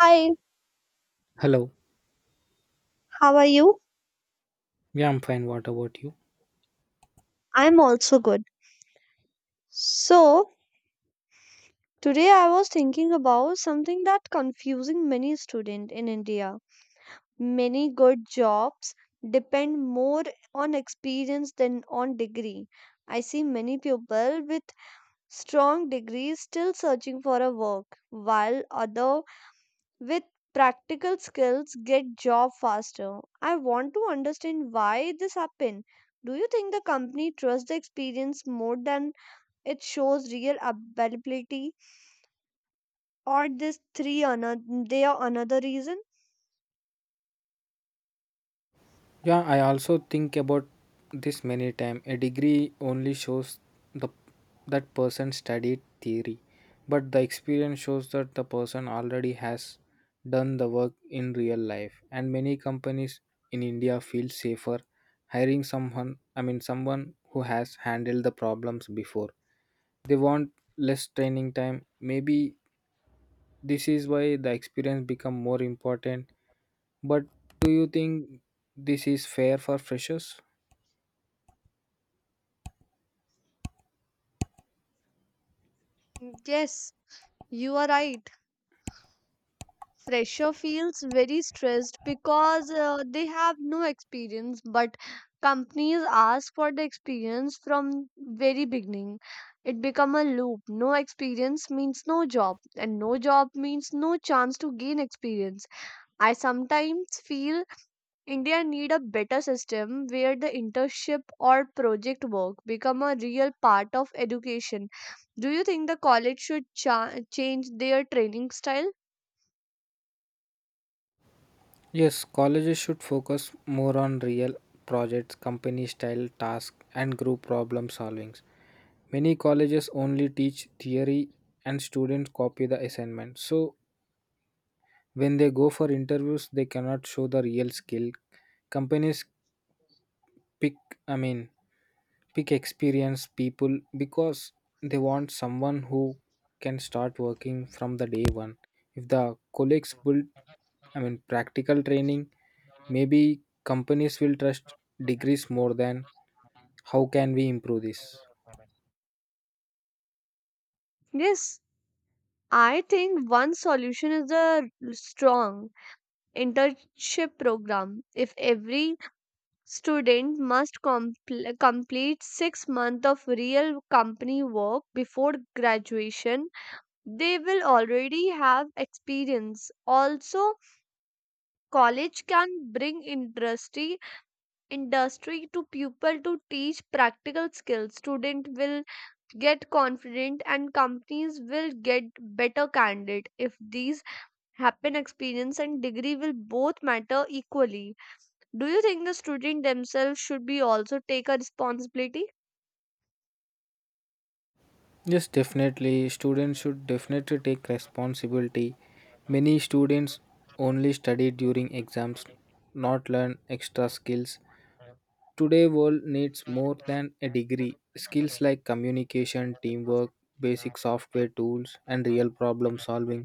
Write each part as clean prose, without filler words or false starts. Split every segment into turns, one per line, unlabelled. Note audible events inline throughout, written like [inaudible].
Hi,
Hello.
how are you?
Yeah, I'm fine. What about you?
I'm also good. So, today I was thinking about something that confusing many students in India. Many good jobs depend more on experience than on degree. I see many people with strong degrees still searching for a work, while other with practical skills get job faster. I want to understand why this happen. Do you think the company trusts the experience more than it shows real availability? Or this three another they are another reason.
Yeah, I also think about this many times. A degree only shows the that person studied theory, but the experience shows that the person already has done the work in real life. And many companies in India feel safer hiring someone, I mean someone who has handled the problems before. They want less training time. Maybe this is why the experience become more important. But do you think this is fair for freshers?
Yes, you are right. Fresher feels very stressed because they have no experience, but companies ask for the experience from very beginning. It become a loop. No experience means no job, and no job means no chance to gain experience. I sometimes feel India need a better system where the internship or project work become a real part of education. Do you think the college should change their training style?
Yes, colleges should focus more on real projects, company style tasks, and group problem solvings. Many colleges only teach theory and students copy the assignment. So when they go for interviews, they cannot show the real skill. Companies pick, I mean, pick experienced people because they want someone who can start working from the day one. If the colleagues build, I mean, practical training, maybe companies will trust degrees more than. How can we improve this?
Yes, I think one solution is a strong internship program. If every student must complete 6 months of real company work before graduation, they will already have experience. Also, college can bring industry to people to teach practical skills student will get confident, and companies will get better candidate. If these happen, experience and degree will both matter equally. Do you think the student themselves should be also take a responsibility?
Yes, definitely, students should definitely take responsibility. Many students only study during exams, not learn extra skills. Today world needs more than a degree. Skills like communication, teamwork, basic software tools and real problem solving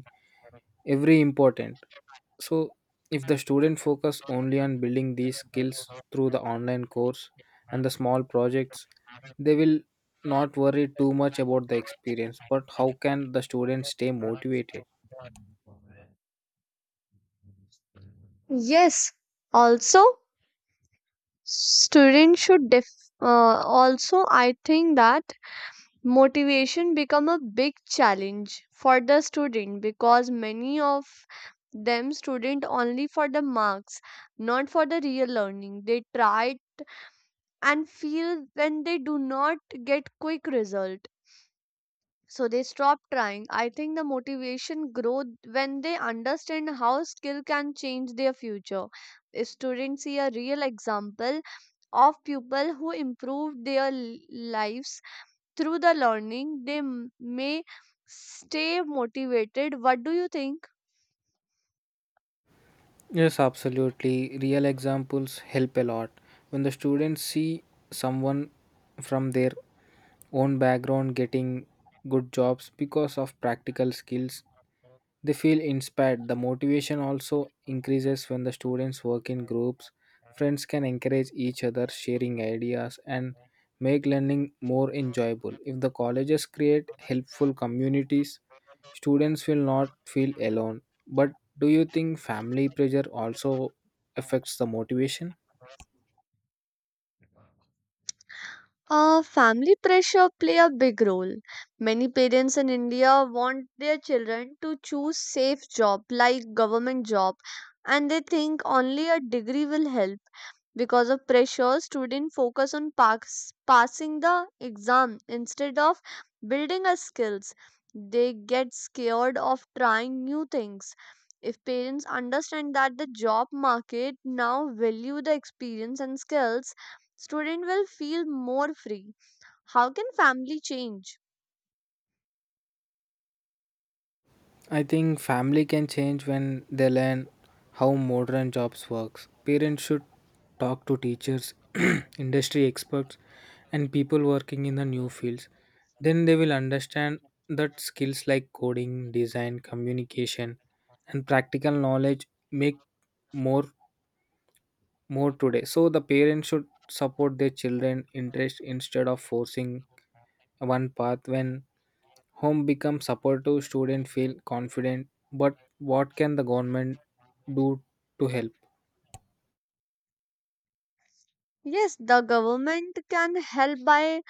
every important. So if the student focus only on building these skills through the online course and the small projects, they will not worry too much about the experience. But how can the students stay motivated?
Yes, also students should also I think that motivation become a big challenge for the student because many of them student only for the marks, not for the real learning. They try and feel when they do not get quick result, so they stop trying. I think the motivation grow when they understand how skill can change their future. If students see a real example of people who improved their lives through the learning, they may stay motivated. What do you think?
Yes, absolutely. Real examples help a lot. When the students see someone from their own background getting good jobs because of practical skills, they feel inspired. The motivation also increases when the students work in groups. Friends can encourage each other, sharing ideas and make learning more enjoyable. If the colleges create helpful communities, students will not feel alone. But do you think family pressure also affects the motivation?
Family pressure play a big role. Many parents in India want their children to choose safe job like government job, and they think only a degree will help. Because of pressure, students focus on passing the exam instead of building a skills. They get scared of trying new things. If parents understand that the job market now value the experience and skills, student will feel more free. How can family change?
I think family can change when they learn how modern jobs works. Parents should talk to teachers, [clears throat] industry experts and people working in the new fields. Then they will understand that skills like coding, design, communication and practical knowledge make more more today. So the parents should support their children interest instead of forcing one path. When home becomes supportive, students feel confident. But what can the government do to help?
Yes, the government can help by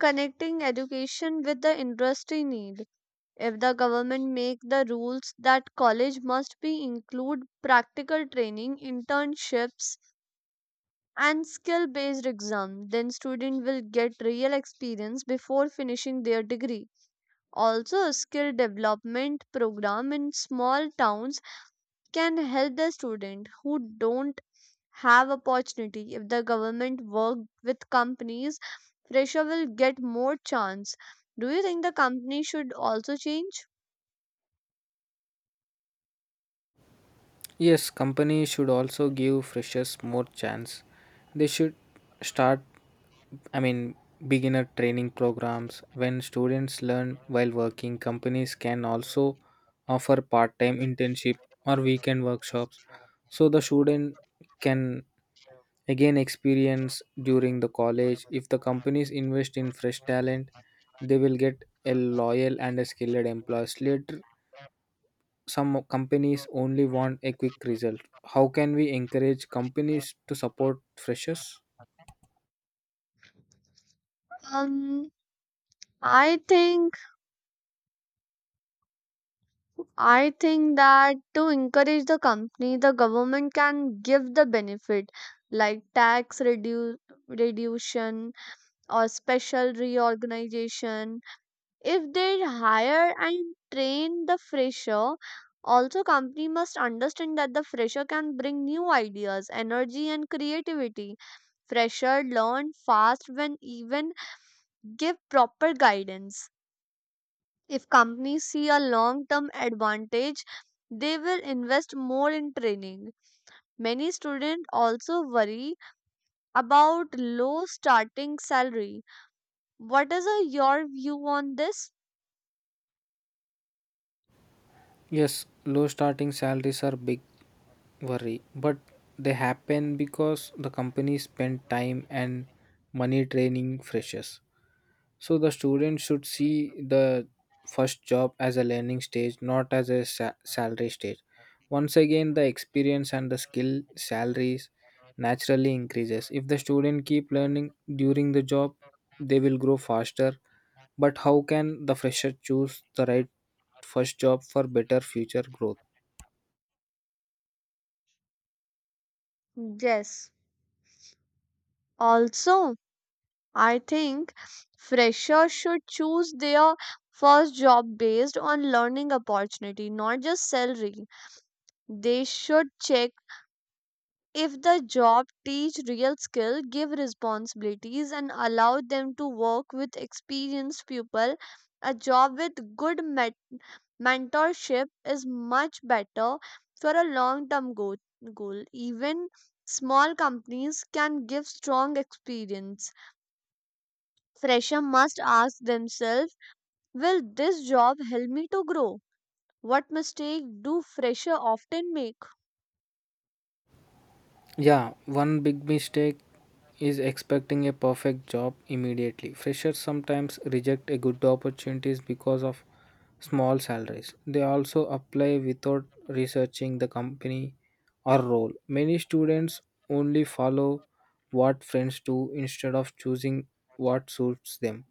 connecting education with the industry need. If the government make the rules that college must be include practical training, internships, and skill based exam, then student will get real experience before finishing their degree. Also, skill development program in small towns can help the student who don't have opportunity. If the government work with companies, fresher will get more chance. Do you think the company should also change?
Yes, companies should also give freshers more chance. They should start, I mean, beginner training programs. When students learn while working, companies can also offer part-time internship or weekend workshops, so the student can again experience during the college. If the companies invest in fresh talent, they will get a loyal and a skilled employees later. Some companies only want a quick result. How can we encourage companies to support freshers?
um i think I think that to encourage the company, the government can give the benefit like tax reduction or special reorganization if they hire and train the fresher. Also company must understand that the fresher can bring new ideas, energy, and creativity. Fresher learn fast when even give proper guidance. If companies see a long term advantage, they will invest more in training. Many students also worry about low starting salary. What is your view on this?
Yes, low starting salaries are big worry, but they happen because the companies spend time and money training freshers. So the student should see the first job as a learning stage, not as a salary stage. Once again, the experience and the skill salaries naturally increases. If the student keep learning during the job, they will grow faster. But how can the fresher choose the right first job for better future growth?
Yes, also I think freshers should choose their first job based on learning opportunity, not just salary. They should check if the job teach real skill, give responsibilities, and allow them to work with experienced people. A job with good mentorship is much better for a long-term goal. Even small companies can give strong experience. Fresher must ask themselves, will this job help me to grow? What mistake do fresher often make?
Yeah, one big mistake is expecting a perfect job immediately. Freshers sometimes reject a good opportunities because of small salaries. They also apply without researching the company or role. Many students only follow what friends do instead of choosing what suits them.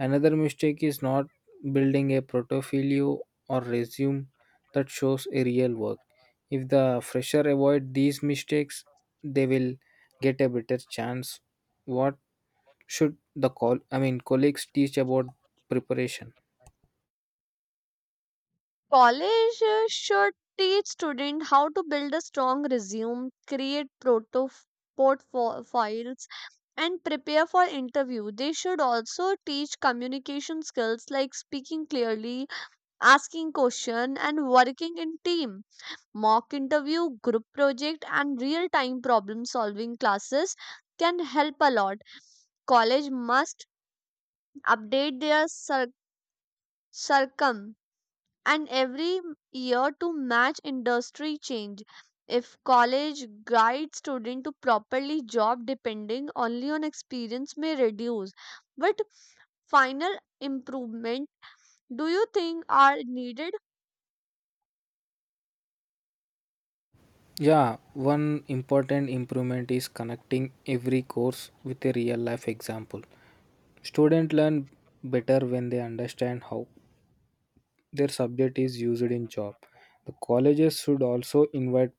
Another mistake is not building a portfolio or resume that shows a real work. If the fresher avoid these mistakes, they will get a better chance. What should the call I mean, colleagues teach about preparation?
College should teach student how to build a strong resume, create proto portfolios, and prepare for interview. They should also teach communication skills like speaking clearly, asking question, and working in team. Mock interview, group project, and real time problem solving classes can help a lot. College must update their circum and every year to match industry change. If college guides student to properly job, depending only on experience may reduce. But final improvement do you think are needed?
Yeah, one important improvement is connecting every course with a real life example. Students learn better when they understand how their subject is used in job. The colleges should also invite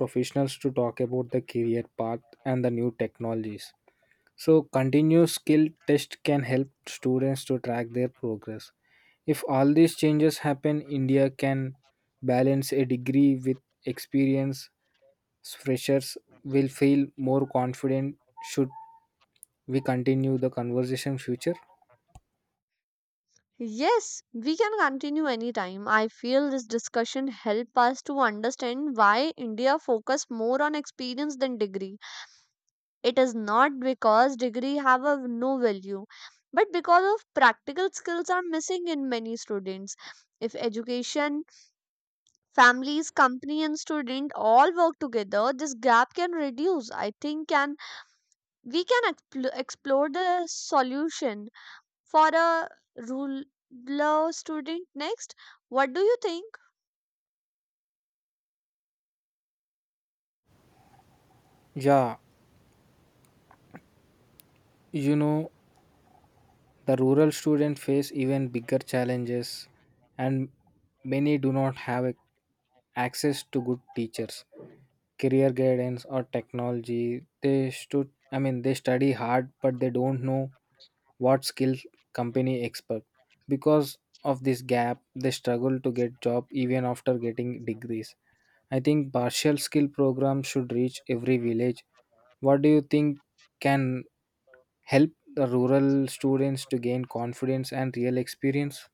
professionals to talk about the career path and the new technologies, so continuous skill test can help students to track their progress. If all these changes happen, India can balance a degree with experience. Freshers will feel more confident. Should we continue the conversation future?
Yes, we can continue anytime. I feel this discussion help us to understand why India focus more on experience than degree. It is not because degree have a no value, but because of practical skills are missing in many students. If education, families, company, and student all work together, this gap can reduce. I think can we can explore the solution for a rural student next. What do you think?
Yeah, you know, the rural students face even bigger challenges, and many do not have access to good teachers, career guidance or technology. They should I mean, they study hard but they don't know what skills company expect. Because of this gap, they struggle to get job even after getting degrees. I think partial skill program should reach every village. What do you think can help the rural students to gain confidence and real experience?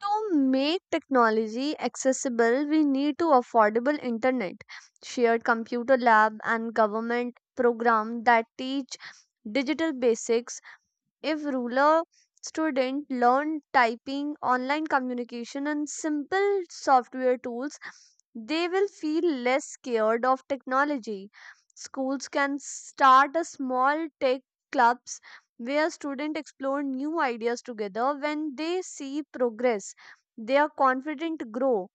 To make technology accessible, we need to affordable internet, shared computer lab, and government program that teach digital basics. If rural students learn typing, online communication, and simple software tools, they will feel less scared of technology. Schools can start a small tech clubs where students explore new ideas together. When they see progress, they are confident to grow.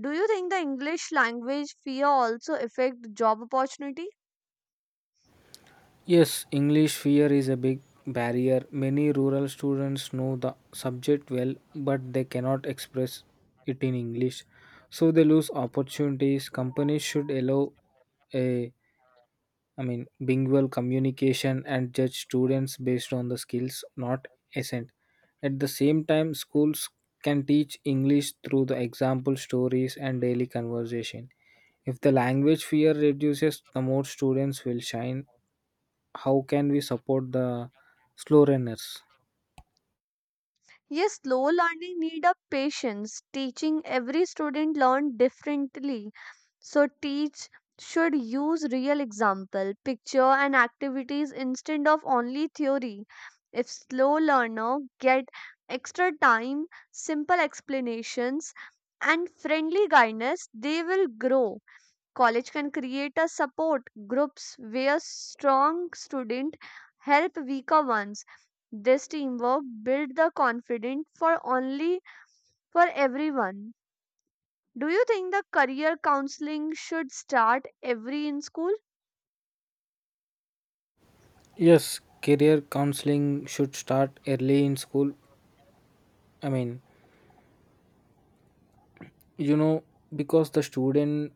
Do you think the English language fear also affect job opportunity?
Yes, English fear is a big barrier. Many rural students know the subject well, but they cannot express it in English. So they lose opportunities. Companies should allow a I mean, bilingual communication and judge students based on the skills, not accent. At the same time, schools can teach English through the example stories and daily conversation. If the language fear reduces, the more students will shine. How can we support the slow runners?
Yes, slow learning need of patience. Teaching every student learn differently. So teach should use real example, picture, and activities instead of only theory. If slow learner get extra time, simple explanations, and friendly guidance, they will grow. College can create a support groups where strong students help weaker ones. This teamwork build the confidence for only for everyone. Do you think the career counseling should start every in school?
Yes, career counseling should start early in school. I mean, you know because the student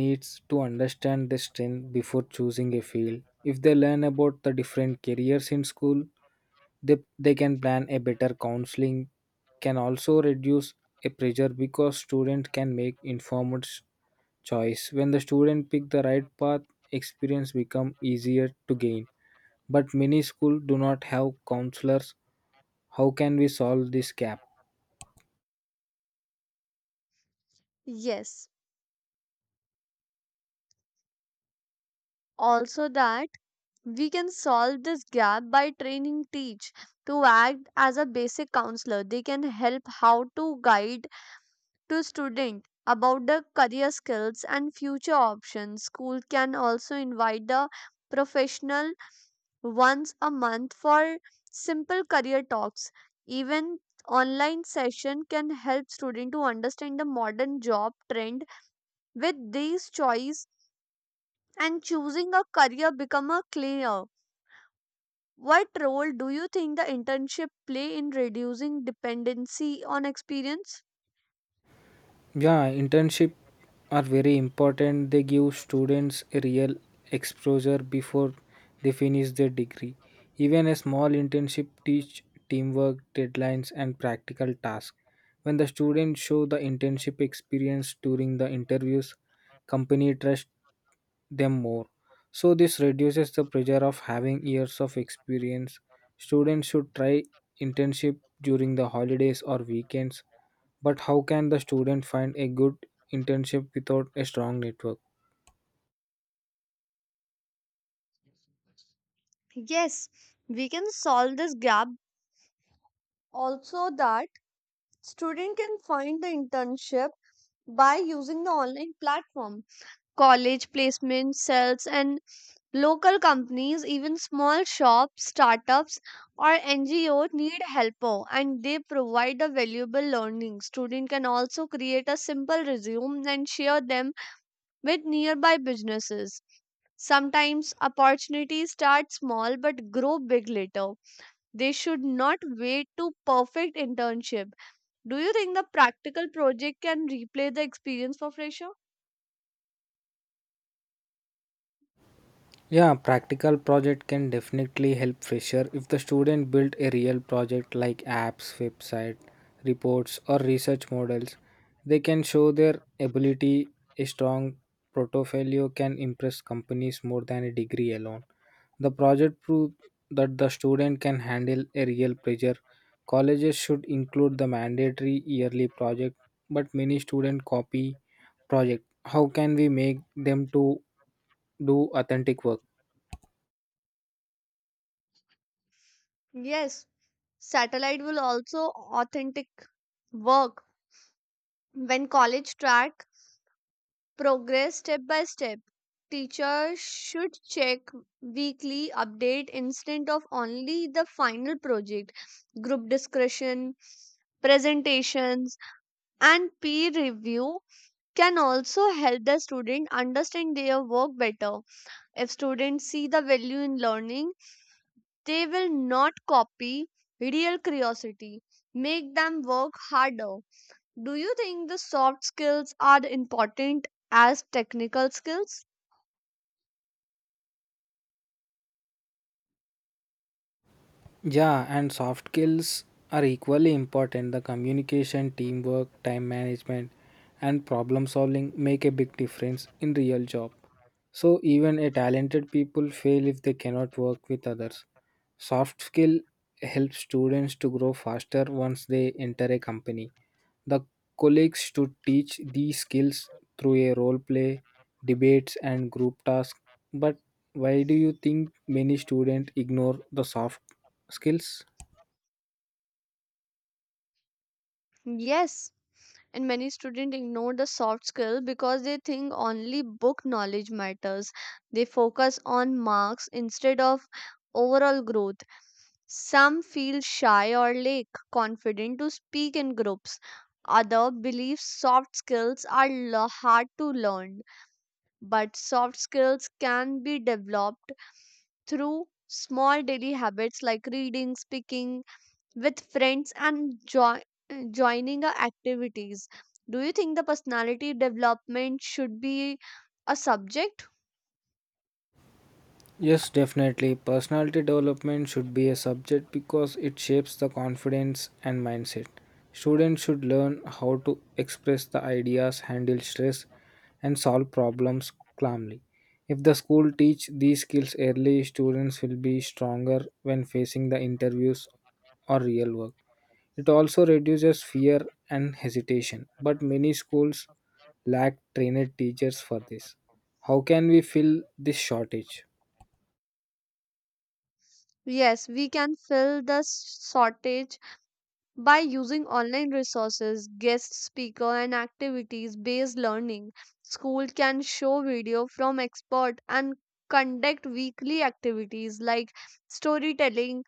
needs to understand the strength before choosing a field. If they learn about the different careers in school, they can plan a better. Counseling can also reduce a pressure because students can make informed choice. When the student pick the right path, experience become easier to gain. But many schools do not have counselors. How can we solve this gap?
Yes. Also that we can solve this gap by training teach to act as a basic counselor. They can help how to guide to students about the career skills and future options. School can also invite the professional once a month for simple career talks. Even online session can help students to understand the modern job trend. With these choice and choosing a career become a clear. What role do you think the internship play in reducing dependency on experience?
Yeah, internship are very important. They give students a real exposure before they finish their degree. Even a small internship teach teamwork, deadlines and practical tasks. When the students show the internship experience during the interviews, company trust them more. So this reduces the pressure of having years of experience. Students should try internship during the holidays or weekends, but how can the student find a good internship without a strong network?
Yes, we can solve this gap. Also that student can find the internship by using the online platform, college placement cells, and local companies. Even small shops, startups, or NGO need helper, and they provide a valuable learning. Student can also create a simple resume and share them with nearby businesses. Sometimes opportunities start small but grow big later. They should not wait to perfect internship. Do you think the practical project can replay the experience for fresher?
Yeah, practical project can definitely help fresher if the student build a real project like apps, website, reports or research models. They can show their ability. A strong portfolio can impress companies more than a degree alone. The project proved that the student can handle a real pressure. Colleges should include the mandatory yearly project, but many students copy project. How can we make them to do authentic work?
Yes, satellite will also authentic work when college track progress step by step. Teachers should check weekly update instead of only the final project. Group discussion, presentations, and peer review can also help the student understand their work better. If students see the value in learning, they will not copy real curiosity. Make them work harder. Do you think the soft skills are important as technical skills?
Yeah, and soft skills are equally important. The communication, teamwork, time management, and problem solving make a big difference in real job. So even a talented people fail if they cannot work with others. Soft skill helps students to grow faster once they enter a company. The colleagues should teach these skills through a role play, debates, and group tasks. But why do you think many students ignore the soft skills?
Yes. And many students ignore the soft skill because they think only book knowledge matters. They focus on marks instead of overall growth. Some feel shy or lack confident to speak in groups. Other believe soft skills are hard to learn. But soft skills can be developed through small daily habits like reading, speaking with friends, and joining activities. Do you think the personality development should be a subject?
Yes, definitely. Personality development should be a subject because it shapes the confidence and mindset. Students should learn how to express the ideas, handle stress, and solve problems calmly. If the school teach these skills early, students will be stronger when facing the interviews or real work. It also reduces fear and hesitation, but many schools lack trained teachers for this. How can we fill this shortage?
Yes, we can fill the shortage by using online resources, guest speaker, and activities based learning. School can show video from expert and conduct weekly activities like storytelling,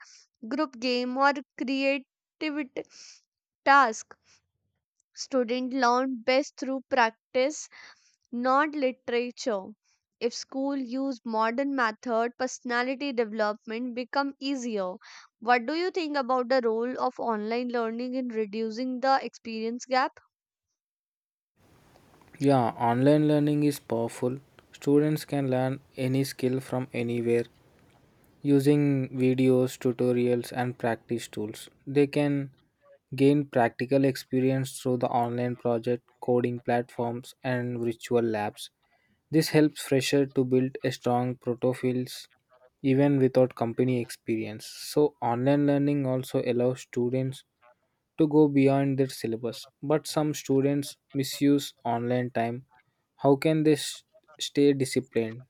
group game, or creativity task. Students learn best through practice, not literature. If school use modern method, personality development become easier. What do you think about the role of online learning in reducing the experience gap?
Yeah, online learning is powerful. Students can learn any skill from anywhere using videos, tutorials, and practice tools. They can gain practical experience through the online project, coding platforms, and virtual labs. This helps fresher to build a strong protofiles even without company experience. So online learning also allows students to go beyond their syllabus. But some students misuse online time. How can they stay disciplined?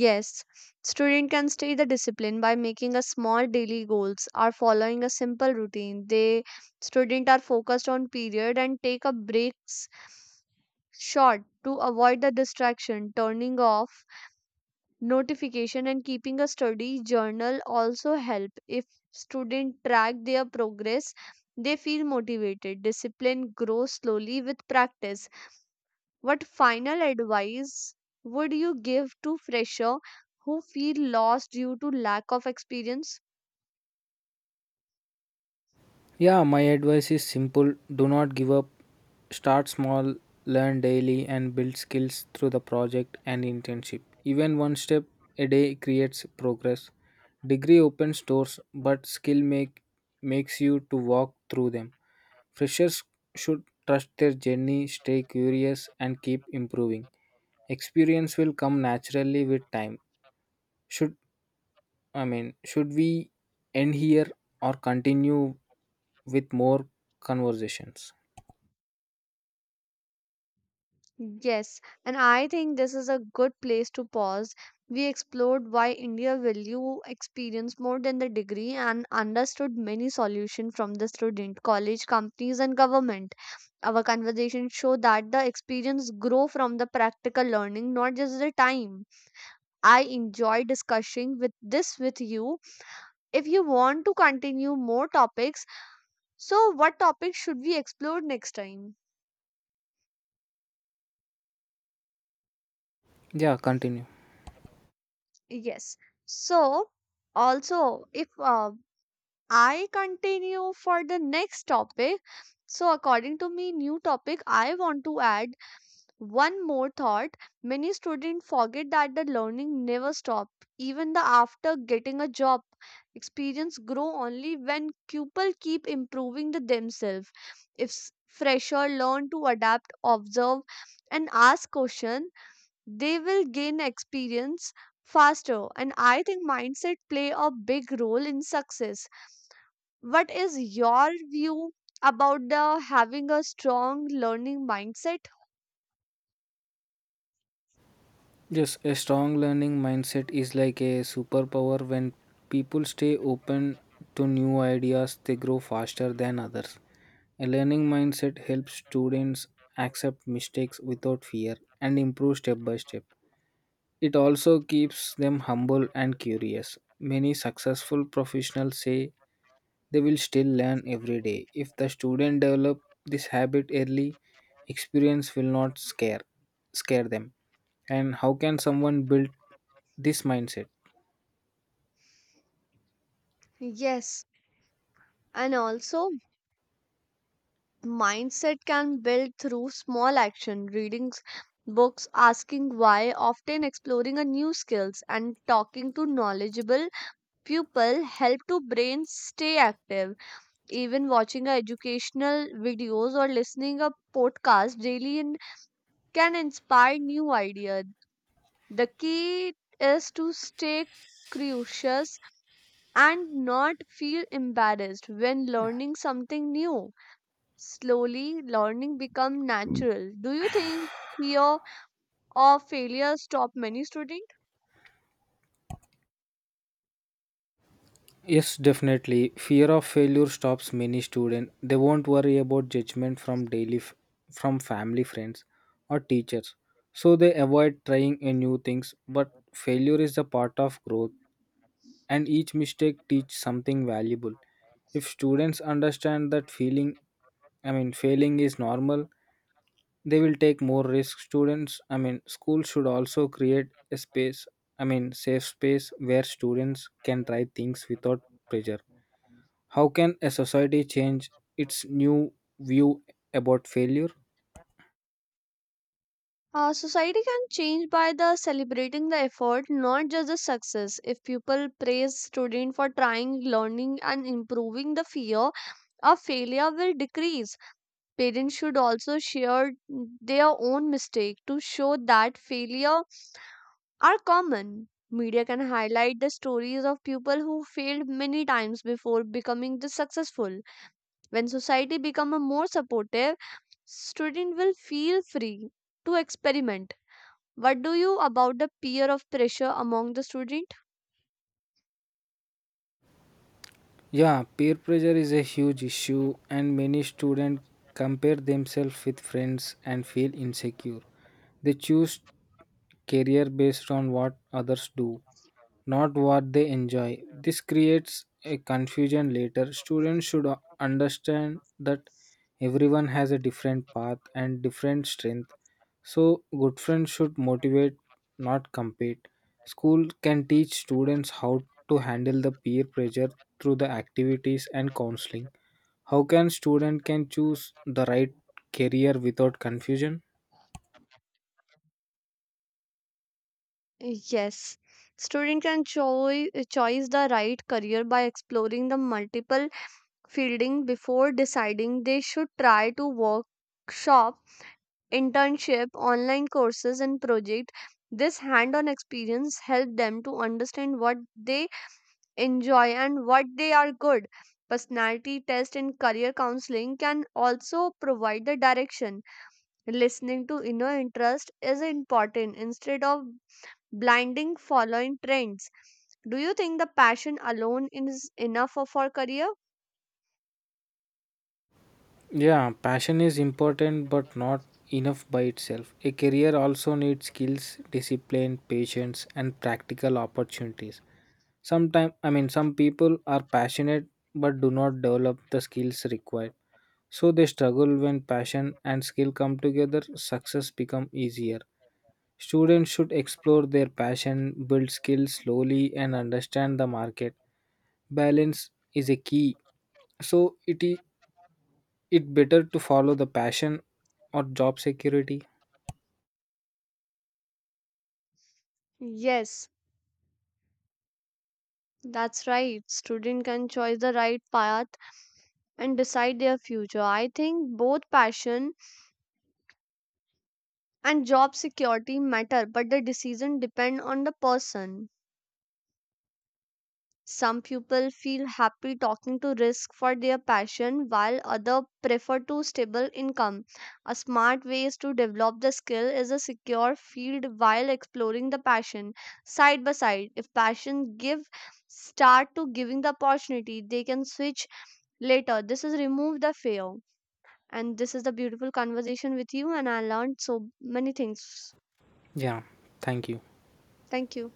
Yes, student can stay the discipline by making a small daily goals or following a simple routine. They student are focused on period and take a breaks short to avoid the distraction. Turning off notification and keeping a study journal also help. If students track their progress, they feel motivated. Discipline grows slowly with practice. What final advice would you give to fresher who feel lost due to lack of experience?
Yeah, my advice is simple. Do not give up. Start small, learn daily, and build skills through the project and internship. Even one step a day creates progress. Degree opens doors, but skill makes you to walk through them. Freshers should trust their journey, stay curious, and keep improving. Experience will come naturally with time. Should I mean, should we end here or continue with more conversations?
Yes, and I think this is a good place to pause. We explored why India value experience more than the degree, and understood many solutions from the student, college, companies, and government. Our conversations show that the experience grow from the practical learning, not just the time. I enjoy discussing with this with you. If you want to continue more topics, so what topic should we explore next time?
Yeah, continue.
Yes. So also if I continue for the next topic. So, according to me, new topic, I want to add one more thought. Many students forget that the learning never stop. Even the after getting a job, experience grow only when people keep improving the themselves. If fresher learn to adapt, observe, and ask question, they will gain experience faster. And I think mindset play a big role in success. What is your view about the having a strong learning mindset?
Yes, a strong learning mindset is like a superpower. When people stay open to new ideas, they grow faster than others. A learning mindset helps students accept mistakes without fear and improve step by step. It also keeps them humble and curious. Many successful professionals say they will still learn every day. If the student develop this habit early, experience will not scare them. And how can someone build this mindset?
Yes, and also mindset can build through small action, reading books, asking why, often exploring a new skills, and talking to knowledgeable people help to brain stay active. Even watching a educational videos or listening a podcast daily in, can inspire new ideas. The key is to stay curious and not feel embarrassed when learning something new. Slowly, learning become natural. Do you think fear of failure stop many students?
Yes, definitely. Fear of failure stops many students. They won't worry about judgment from from family, friends, or teachers. So they avoid trying a new things, but failure is a part of growth, and each mistake teach something valuable. If students understand that feeling I mean, failing is normal, they will take more risk. Students I mean, school should also create a space, I mean, safe space where students can try things without pressure. How can a society change its new view about failure?
Society can change by the celebrating the effort, not just the success. If people praise student for trying, learning, and improving, the fear of failure will decrease. Parents should also share their own mistake to show that failure are common. Media can highlight the stories of people who failed many times before becoming the successful. When society become a more supportive, student will feel free to experiment. What do you about the peer of pressure among the student?
Yeah, peer pressure is a huge issue, and many students compare themselves with friends and feel insecure. They choose career based on what others do, not what they enjoy. This creates a confusion later. Students should understand that everyone has a different path and different strength. So, good friends should motivate, not compete. School can teach students how to handle the peer pressure through the activities and counseling. How can student can choose the right career without confusion?
Yes, student can choose the right career by exploring the multiple fielding before deciding. They should try to workshop, internship, online courses, and project. This hand-on experience helped them to understand what they enjoy and what they are good. Personality test and career counseling can also provide the direction. Listening to inner interest is important instead of blinding following trends. Do you think the passion alone is enough for career?
Yeah, passion is important but not enough by itself. A career also needs skills, discipline, patience, and practical opportunities. Sometimes, I mean, some people are passionate but do not develop the skills required. So they struggle. When passion and skill come together, success become easier. Students should explore their passion, build skills slowly and understand the market. Balance is a key. So it better to follow the passion or job security?
Yes, that's right. Student can choose the right path and decide their future. I think both passion and job security matter, but the decision depend on the person. Some people feel happy talking to risk for their passion while other prefer to stable income. A smart way is to develop the skill is a secure field while exploring the passion side by side. If passion give start to giving the opportunity, they can switch later. This is remove the fear. And this is the beautiful conversation with you, and I learned so many things.
Yeah, thank you.
Thank you.